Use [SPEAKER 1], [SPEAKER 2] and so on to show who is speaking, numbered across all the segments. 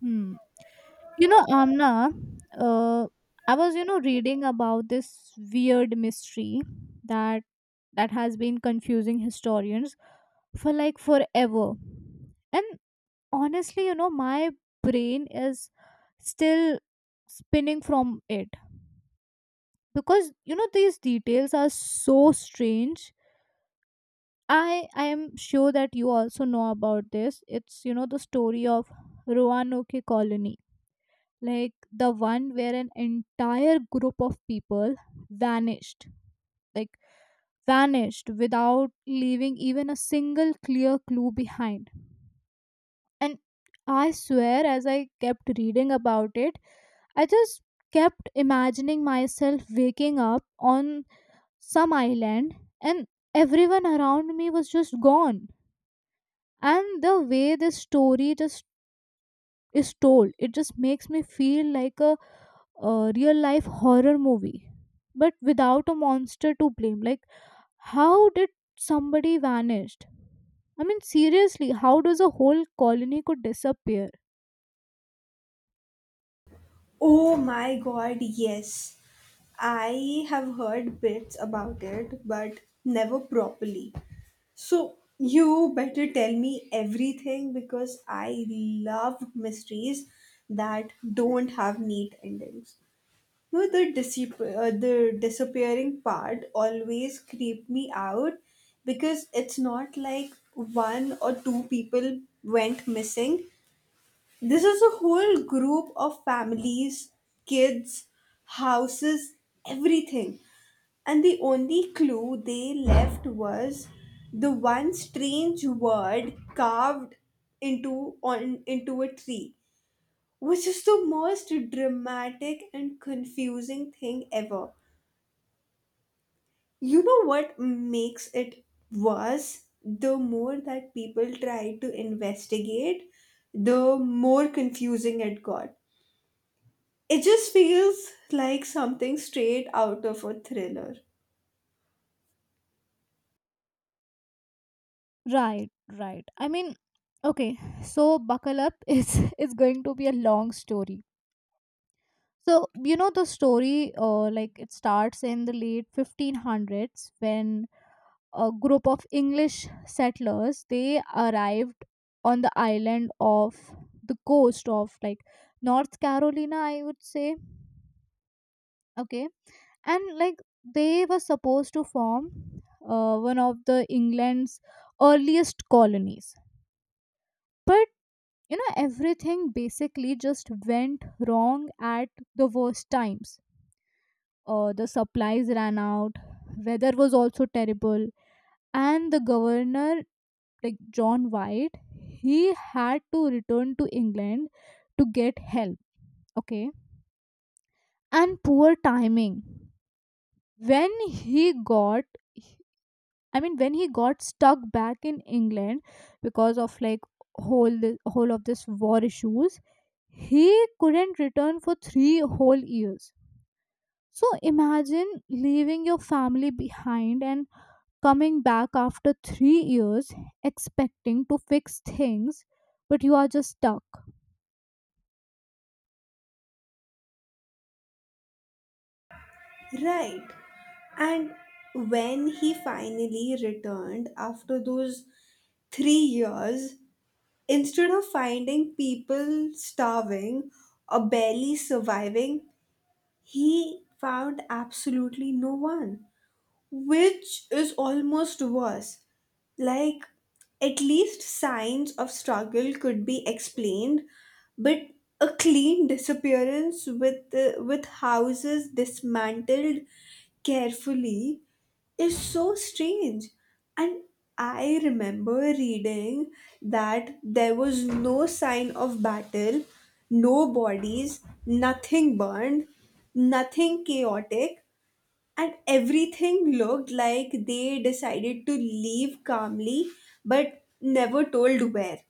[SPEAKER 1] Hmm. You know, Amna, uh, I was reading about this weird mystery that that has been confusing historians for like forever. And honestly, my brain is still spinning from it because these details are so strange. I am sure that you also know about this. It's the story of Roanoke Colony, like the one where an entire group of people vanished, like vanished without leaving even a single clear clue behind. And I swear, as I kept reading about it, I just kept imagining myself waking up on some island and everyone around me was just gone. And the way this story just is told, it just makes me feel like a real life horror movie but without a monster to blame. Like, how did somebody vanished? I mean, seriously, how does a whole colony could disappear?
[SPEAKER 2] Oh my god, yes. I have heard bits about it, but never properly. So, you better tell me everything because I love mysteries that don't have neat endings. No, the disappearing part always creeped me out because it's not like one or two people went missing. This is a whole group of families, kids, houses, everything. And the only clue they left was the one strange word carved into a tree, which is the most dramatic and confusing thing ever. You know what makes it worse? The more that people tried to investigate, the more confusing it got. It just feels like something straight out of a thriller.
[SPEAKER 1] Right. Right, I mean, okay, so buckle up, it's going to be a long story. So the story, like it starts in the late 1500s when a group of English settlers. They arrived on the island of the coast of like North Carolina, I would say. Okay. And like they were supposed to form one of the England's earliest colonies. But you know, everything basically just went wrong at the worst times. The supplies ran out, weather was also terrible, and the governor like John White, he had to return to England to get help. Okay. And poor timing. When he got, when he got stuck back in England because of like whole the whole of this war issues, he couldn't return for three whole years. So imagine leaving your family behind and coming back after 3 years expecting to fix things, but you are just stuck.
[SPEAKER 2] Right. And when he finally returned after those 3 years, instead of finding people starving or barely surviving, he found absolutely no one, which is almost worse. Like, at least signs of struggle could be explained, but a clean disappearance with with houses dismantled carefully is so strange. And I remember reading that there was no sign of battle, no bodies, nothing burned, nothing chaotic, and everything looked like they decided to leave calmly but never told where.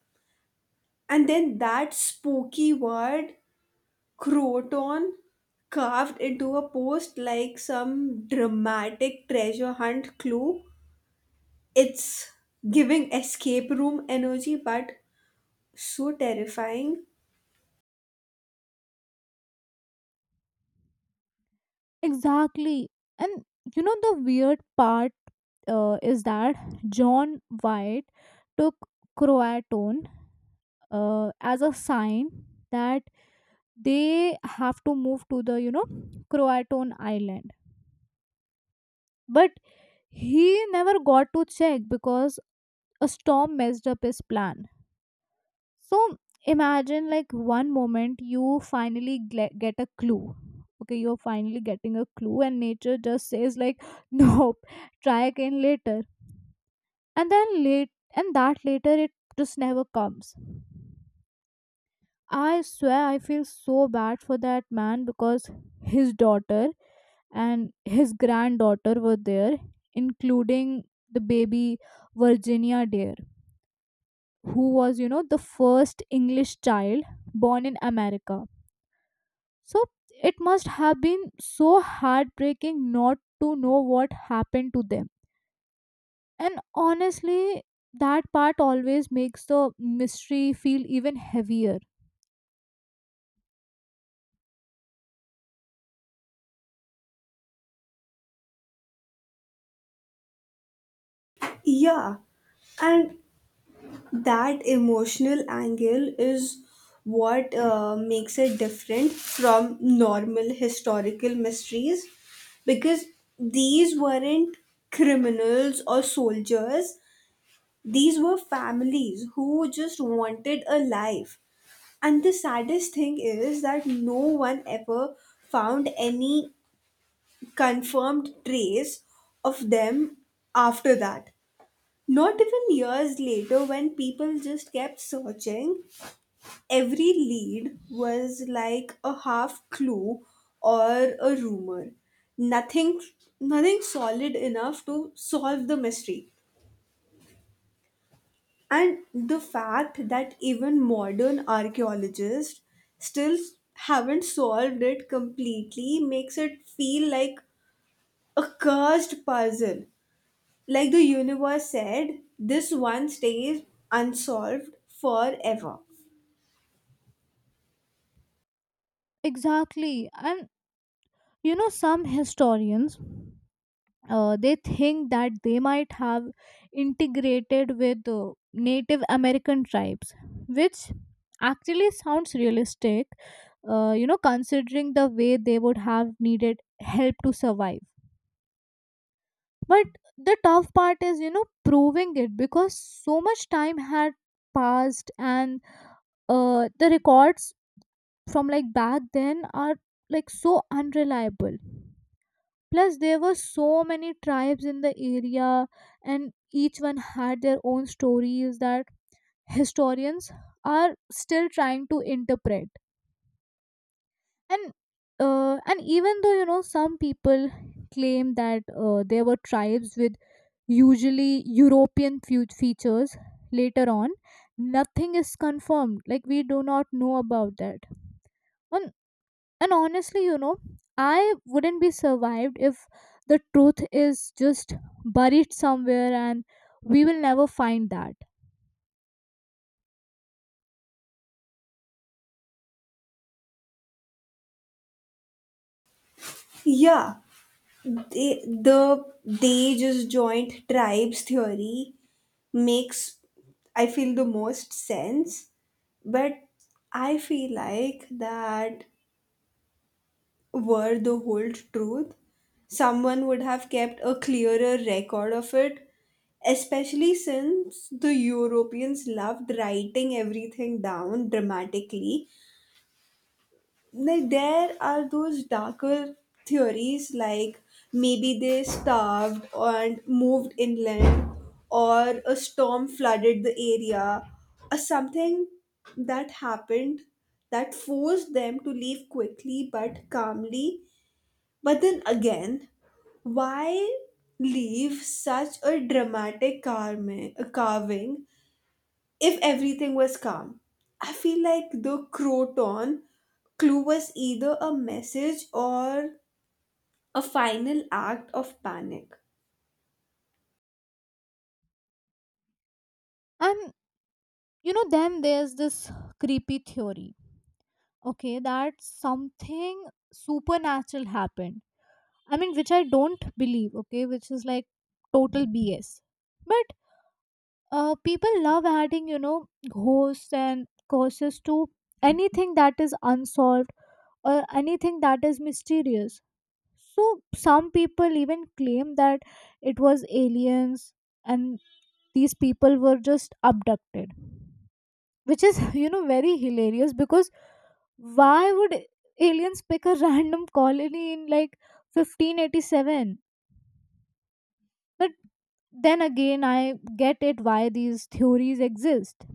[SPEAKER 2] And then that spooky word, croton, carved into a post like some dramatic treasure hunt clue. It's giving escape room energy but so terrifying.
[SPEAKER 1] Exactly. And you know the weird part, is that John White took Croatone as a sign that they have to move to the, you know, Croatone island. But he never got to check because a storm messed up his plan. So imagine like one moment you finally get a clue. Okay, you're finally getting a clue, and nature just says like, "Nope, try again later." And that later it just never comes. I swear I feel so bad for that man because his daughter and his granddaughter were there, including the baby Virginia Dare, who was, you know, the first English child born in America. So it must have been so heartbreaking not to know what happened to them. And honestly, that part always makes the mystery feel even heavier.
[SPEAKER 2] Yeah. And that emotional angle is what makes it different from normal historical mysteries, because these weren't criminals or soldiers, these were families who just wanted a life, and the saddest thing is that no one ever found any confirmed trace of them after that, not even years later when people just kept searching. Every lead was like a half clue or a rumor. Nothing, nothing solid enough to solve the mystery. And the fact that even modern archaeologists still haven't solved it completely makes it feel like a cursed puzzle, like the universe said this one stays unsolved forever.
[SPEAKER 1] Exactly. And you know, some historians. They think that they might have integrated with Native American tribes, which actually sounds realistic, you know, considering the way they would have needed help to survive. But the tough part is, you know, proving it because so much time had passed and the records from like back then are like so unreliable. Plus, there were so many tribes in the area and each one had their own stories that historians are still trying to interpret. And and even though you know some people claim that there were tribes with usually european features later on, nothing is confirmed, like we do not know about that. And, and honestly, you know, I wouldn't be survived if the truth is just buried somewhere and we will never find that.
[SPEAKER 2] Yeah, they just joint tribes theory makes I feel the most sense, but I feel like that were the whole truth, someone would have kept a clearer record of it, especially since the Europeans loved writing everything down dramatically. Like there are those darker theories, like maybe they starved and moved inland, or a storm flooded the area, or something that happened that forced them to leave quickly but calmly. But then again, why leave such a dramatic carving if everything was calm. I feel like the croton clue was either a message or a final act of panic.
[SPEAKER 1] And you know then there's this creepy theory, okay, that something supernatural happened. I mean, which I don't believe, okay, which is like total BS. But people love adding, you know, ghosts and curses to anything that is unsolved or anything that is mysterious. So some people even claim that it was aliens and these people were just abducted, which is you know very hilarious because why would aliens pick a random colony in like 1587? But then again, I get it why these theories exist.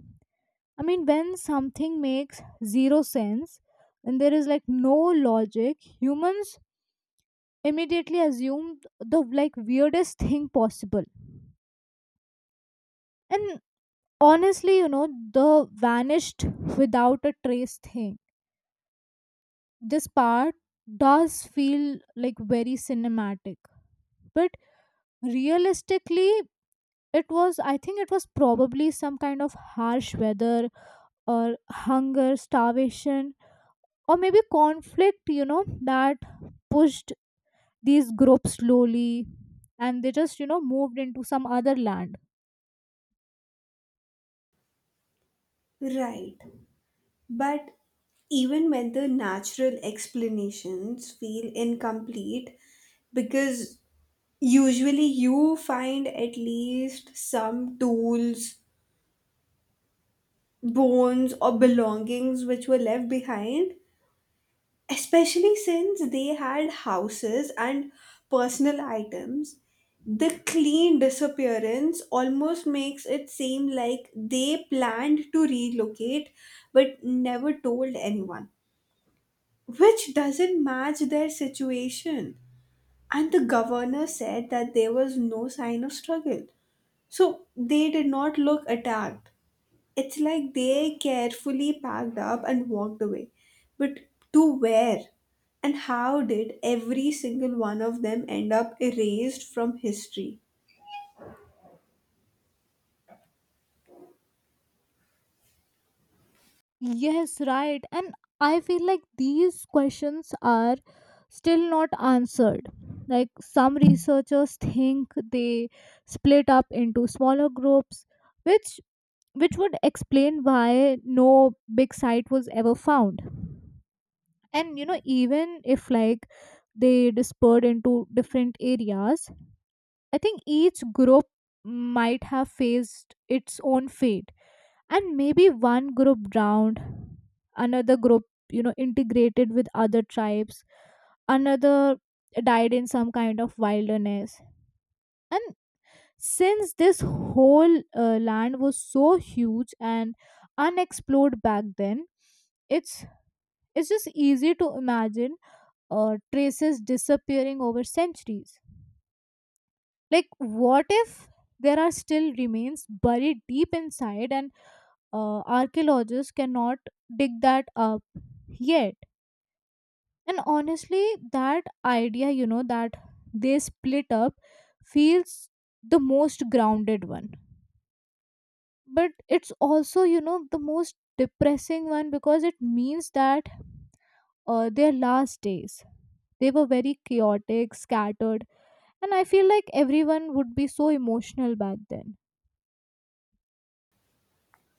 [SPEAKER 1] I mean, when something makes zero sense and there is like no logic, humans immediately assume the like weirdest thing possible. And honestly, you know, the vanished without a trace thing, this part does feel like very cinematic. But realistically, it was I think it was probably some kind of harsh weather or hunger starvation or maybe conflict, you know, that pushed these groups slowly and they just you know moved into some other land.
[SPEAKER 2] Right. But even when the natural explanations feel incomplete, because usually you find at least some tools, bones, or belongings which were left behind, especially since they had houses and personal items, the clean disappearance almost makes it seem like they planned to relocate but never told anyone, which doesn't match their situation. And the governor said that there was no sign of struggle, so they did not look attacked. It's like they carefully packed up and walked away. But to where? And how did every single one of them end up erased from history?
[SPEAKER 1] Yes, right. And I feel like these questions are still not answered. Like some researchers think they split up into smaller groups, which which would explain why no big site was ever found. And you know, even if like they dispersed into different areas, I think each group might have faced its own fate, and maybe one group drowned, another group you know integrated with other tribes, another died in some kind of wilderness. And since this whole land was so huge and unexplored back then, it's it's just easy to imagine traces disappearing over centuries. Like what if there are still remains buried deep inside and archaeologists cannot dig that up yet. And honestly, that idea you know that they split up feels the most grounded one, but it's also you know the most depressing one because it means that their last days, they were very chaotic scattered. And I feel like everyone would be so emotional back then.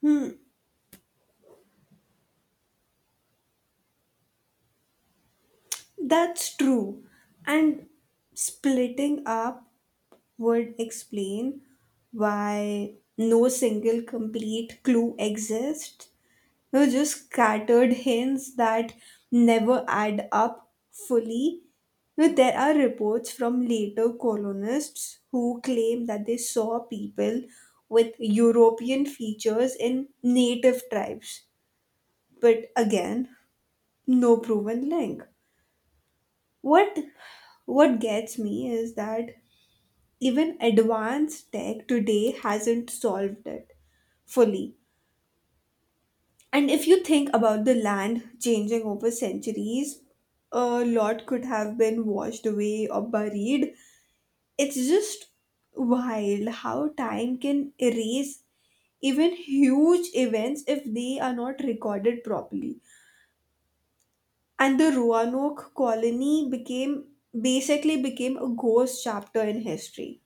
[SPEAKER 2] Hmm, that's true. And splitting up would explain why no single complete clue exists. No, just scattered hints that never add up fully. Now, there are reports from later colonists who claim that they saw people with European features in native tribes, but again, no proven link. What what gets me is that even advanced tech today hasn't solved it fully. And if you think about the land changing over centuries, a lot could have been washed away or buried. It's just wild how time can erase even huge events if they are not recorded properly. And the Roanoke colony became basically became a ghost chapter in history.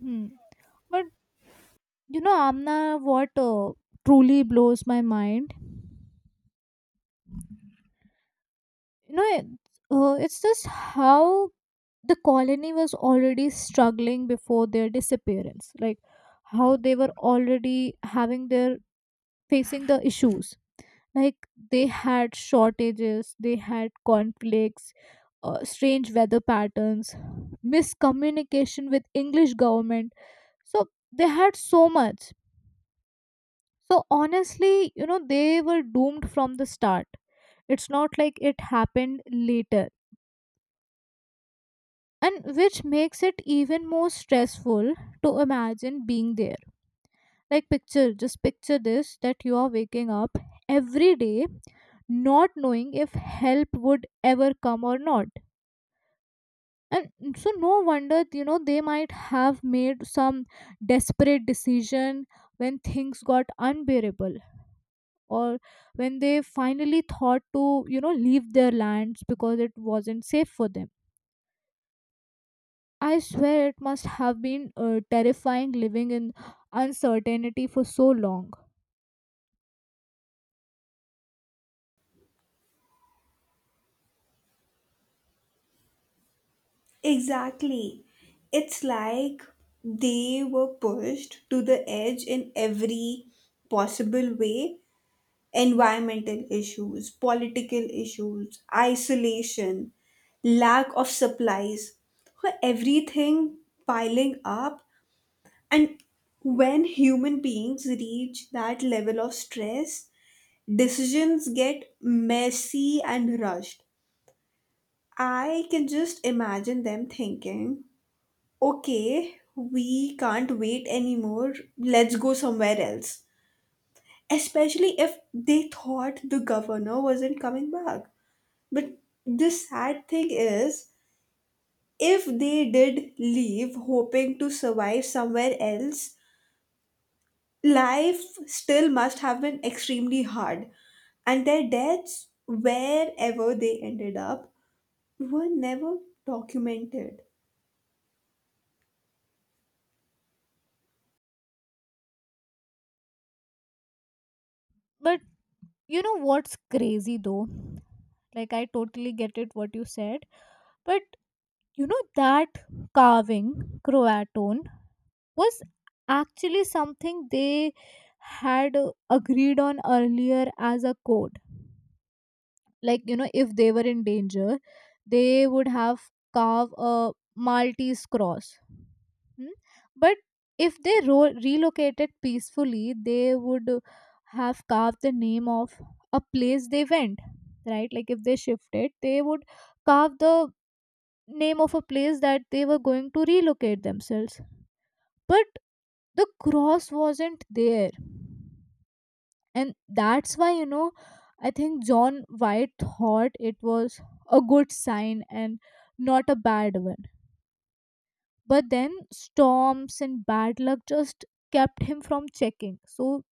[SPEAKER 1] Hmm. But you know, Amna, what truly blows my mind, you know, it's just how the colony was already struggling before their disappearance. Like how they were already having their facing the issues. Like they had shortages, they had conflicts, strange weather patterns, miscommunication with english government. So they had so much. So honestly, you know, they were doomed from the start. It's not like it happened later. And which makes it even more stressful to imagine being there. Like picture, just picture this, that you are waking up every day not knowing if help would ever come or not. And so no wonder, you know, they might have made some desperate decision when things got unbearable, or when they finally thought to you know leave their lands because it wasn't safe for them. I swear it must have been terrifying living in uncertainty for so long.
[SPEAKER 2] Exactly. It's like they were pushed to the edge in every possible way, environmental issues, political issues, isolation, lack of supplies, were everything piling up. And when human beings reach that level of stress, decisions get messy and rushed. I can just imagine them thinking, okay, we can't wait anymore, let's go somewhere else. Especially if they thought the governor wasn't coming back. But the sad thing is, if they did leave hoping to survive somewhere else, life still must have been extremely hard. And their deaths, wherever they ended up, were never documented.
[SPEAKER 1] But you know what's crazy though? Like, I totally get it what you said. But you know, that carving, Croatone, was actually something they had agreed on earlier as a code. Like, you know, if they were in danger, they would have carve a Maltese cross. Hmm? But if they relocated peacefully, they would have carved the name of a place they went, right? Like if they shifted, they would carve the name of a place that they were going to relocate themselves. But the cross wasn't there. And that's why, you know, I think John White thought it was a good sign and not a bad one. But then storms and bad luck just kept him from checking. So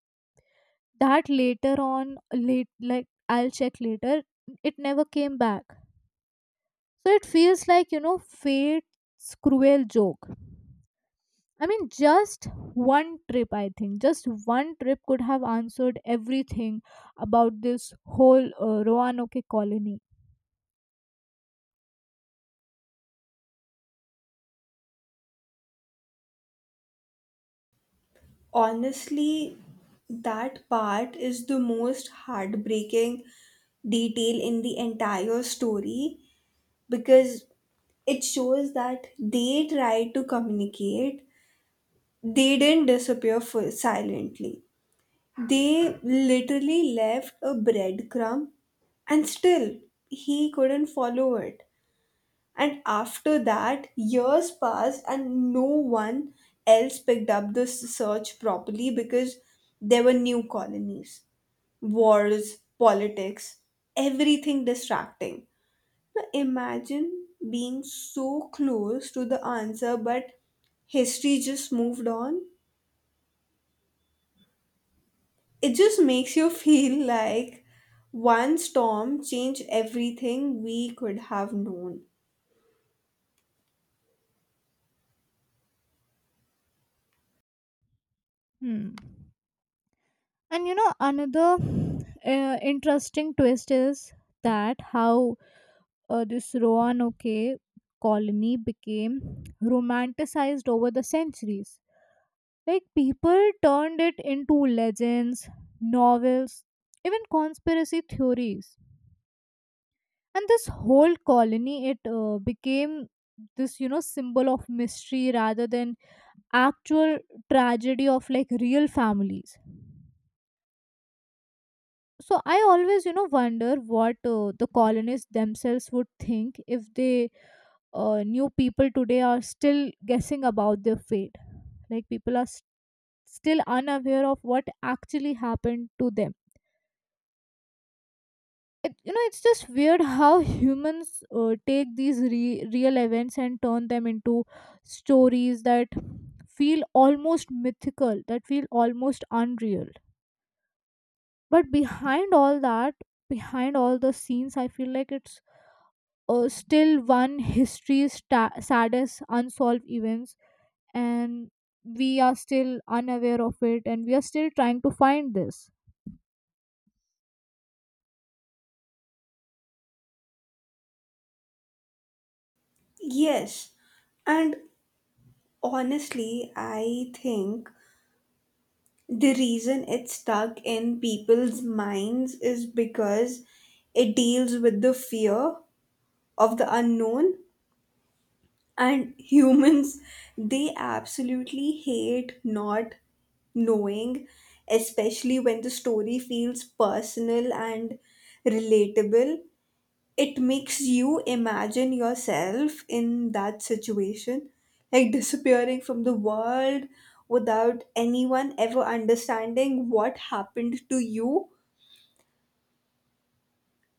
[SPEAKER 1] that later on, late like I'll check later, it never came back. So it feels like you know fate's cruel joke. I mean, just one trip could have answered everything about this whole Roanoke colony.
[SPEAKER 2] Honestly, that part is the most heartbreaking detail in the entire story because it shows that they tried to communicate, they didn't disappear silently. They literally left a breadcrumb, and still he couldn't follow it. And after that, years passed, and no one else picked up the search properly because there were new colonies, wars, politics, everything distracting. Now imagine being so close to the answer, but history just moved on. It just makes you feel like one storm changed everything we could have known.
[SPEAKER 1] Hmm. And you know, another interesting twist is that how this Roanoke colony became romanticized over the centuries. Like people turned it into legends, novels, even conspiracy theories. And this whole colony, it became this you know symbol of mystery rather than actual tragedy of like real families. So I always you know wonder what the colonists themselves would think if they new people today are still guessing about their fate. Like people are s still unaware of what actually happened to them. It, you know, it's just weird how humans take these real events and turn them into stories that feel almost mythical, that feel almost unreal. But behind all that, behind all the scenes, I feel like it's still one history's saddest unsolved events. And we are still unaware of it and we are still trying to find this.
[SPEAKER 2] Yes, and honestly, I think the reason it's stuck in people's minds is because it deals with the fear of the unknown, and humans, they absolutely hate not knowing, especially when the story feels personal and relatable. It makes you imagine yourself in that situation, like disappearing from the world without anyone ever understanding what happened to you.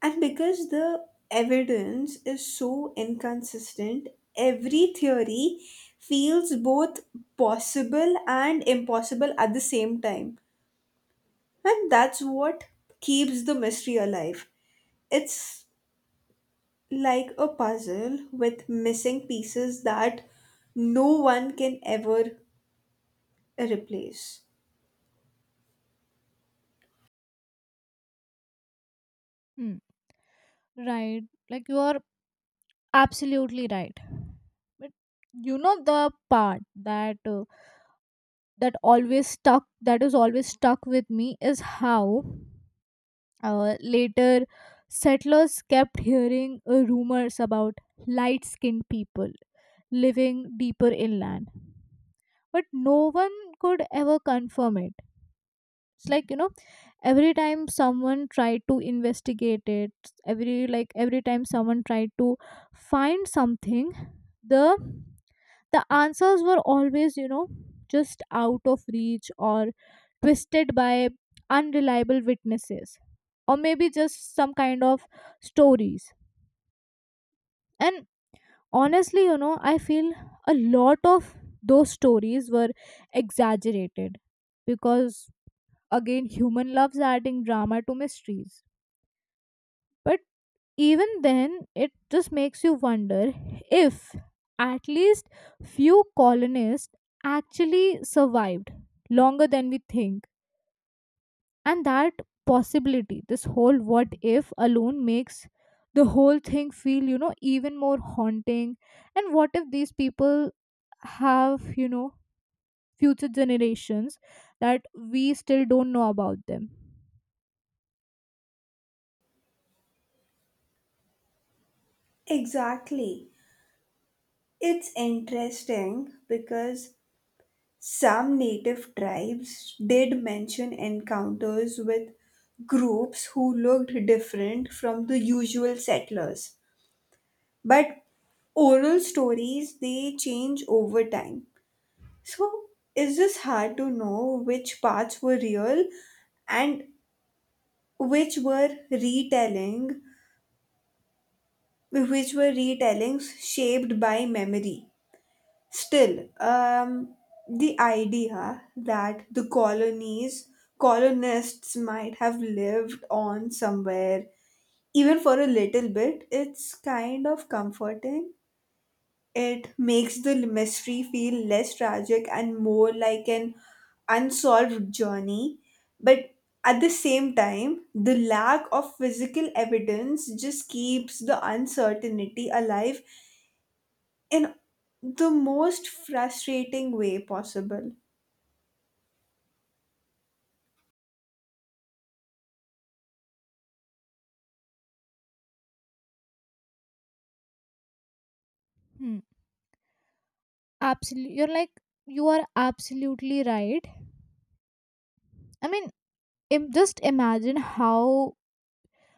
[SPEAKER 2] And because the evidence is so inconsistent, every theory feels both possible and impossible at the same time. And that's what keeps the mystery alive. It's like a puzzle with missing pieces that no one can ever replace.
[SPEAKER 1] Hmm. Right. Like you are absolutely right. But you know the part that that always stuck that is always stuck with me is how later settlers kept hearing rumors about light skinned people living deeper inland, but no one could ever confirm it. It's like you know every time someone tried to investigate it, every time someone tried to find something, the answers were always you know just out of reach or twisted by unreliable witnesses or maybe just some kind of stories. And honestly you know I feel a lot of those stories were exaggerated because again human loves adding drama to mysteries. But even then, it just makes you wonder if at least few colonists actually survived longer than we think. And that possibility, this whole what if alone makes the whole thing feel you know even more haunting. And what if these people have you know future generations that we still don't know about them.
[SPEAKER 2] Exactly. It's interesting because some native tribes did mention encounters with groups who looked different from the usual settlers. But oral stories, they change over time. So is this hard to know which parts were real and which were retelling which were retellings shaped by memory. Still, the idea that the colonies colonists might have lived on somewhere, even for a little bit, it's kind of comforting. It makes the mystery feel less tragic and more like an unsolved journey. But at the same time, the lack of physical evidence just keeps the uncertainty alive in the most frustrating way possible.
[SPEAKER 1] Hmm. Absolutely. You are absolutely right. I mean, just imagine how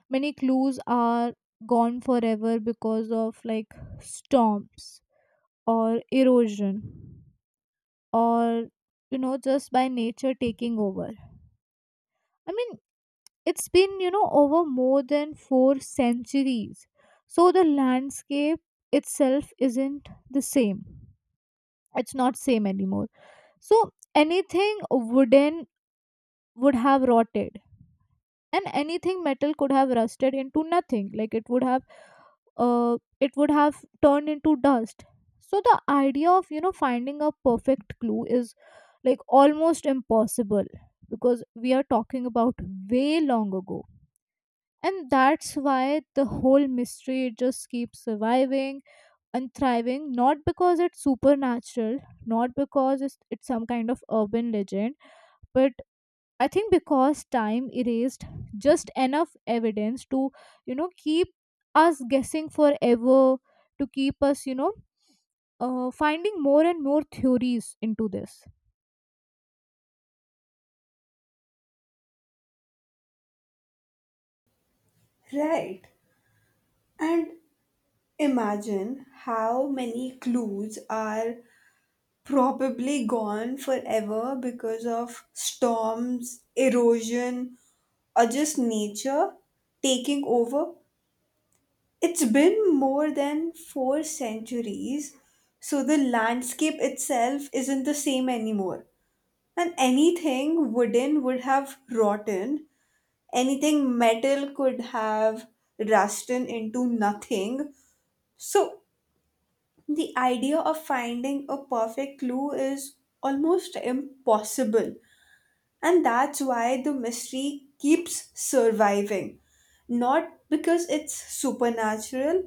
[SPEAKER 1] many clues are gone forever because of like storms or erosion or you know just by nature taking over. I mean, it's been you know over more than 4 centuries, so the landscape itself isn't the same. It's not same anymore So anything wooden would have rotted, and anything metal could have rusted into nothing. It would have turned into dust. So the idea of you know finding a perfect clue is like almost impossible because we are talking about way long ago. And that's why the whole mystery just keeps surviving and thriving, not because it's supernatural, not because it's some kind of urban legend, but I think because time erased just enough evidence to, you know, keep us guessing forever, to keep us, you know, finding more and more theories into this.
[SPEAKER 2] Right. And imagine how many clues are probably gone forever because of storms, erosion, or just nature taking over. It's been more than four centuries, so the landscape itself isn't the same anymore. And anything wooden would have rotten, anything metal could have rusted into nothing. So the idea of finding a perfect clue is almost impossible. And that's why the mystery keeps surviving. Not because it's supernatural,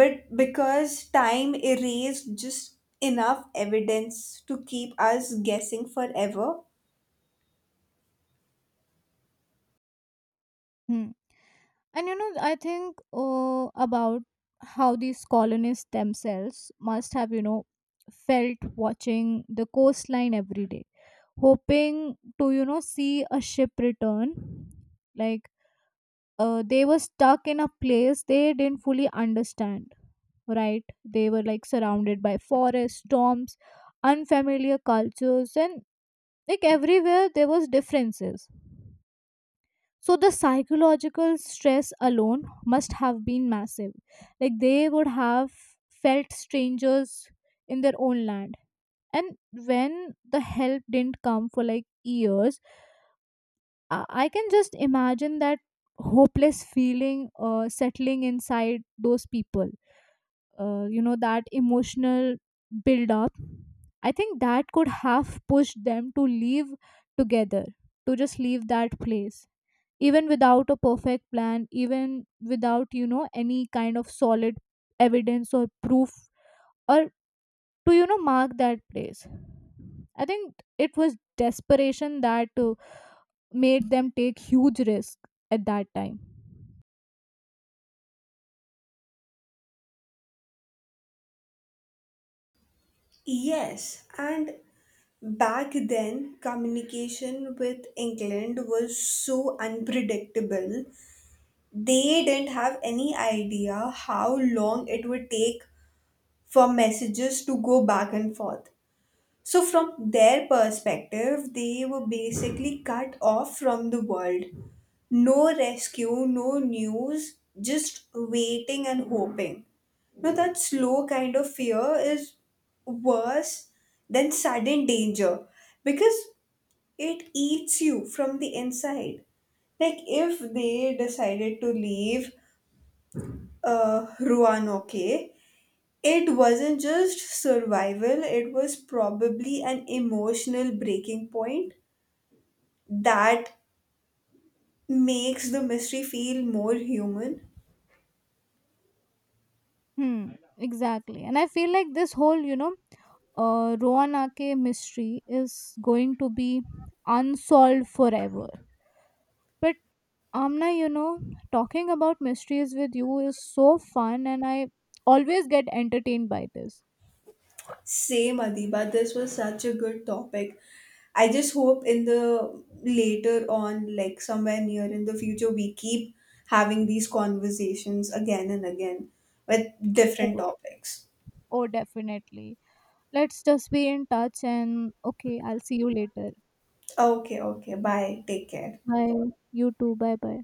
[SPEAKER 2] but because time erased just enough evidence to keep us guessing forever.
[SPEAKER 1] Hmm. And, you know, I think about how these colonists themselves must have, you know, felt watching the coastline every day, hoping to, you know, see a ship return. Like, they were stuck in a place they didn't fully understand, right? They were like surrounded by forests, storms, unfamiliar cultures, and like everywhere there was differences. So the psychological stress alone must have been massive. Like they would have felt strangers in their own land. And when the help didn't come for like years, I can just imagine that hopeless feeling settling inside those people. You know that emotional build up, I think that could have pushed them to leave together, to just leave that place, even without a perfect plan, even without you know any kind of solid evidence or proof or to you know mark that place. I think it was desperation that made them take huge risk at that time.
[SPEAKER 2] Yes, and back then, communication with England was so unpredictable. They didn't have any idea how long it would take for messages to go back and forth. So, from their perspective, they were basically cut off from the world. No rescue, no news, just waiting and hoping. Now, that slow kind of fear is worse than sudden danger because it eats you from the inside. Like, if they decided to leave Ruanoke. It wasn't just survival, it was probably an emotional breaking point that makes the mystery feel more human.
[SPEAKER 1] Hmm, exactly. And I feel like this whole you know Roanake mystery is going to be unsolved forever. But Amna, you know, talking about mysteries with you is so fun, and I always get entertained by this.
[SPEAKER 2] Same, Adiba, this was such a good topic. I just hope in the later on, like somewhere near in the future, we keep having these conversations again and again with different
[SPEAKER 1] Oh,
[SPEAKER 2] topics.
[SPEAKER 1] oh definitely. Let's just be in touch, and okay, I'll see you later.
[SPEAKER 2] Okay, okay, bye, take care.
[SPEAKER 1] Bye. You too. Bye bye.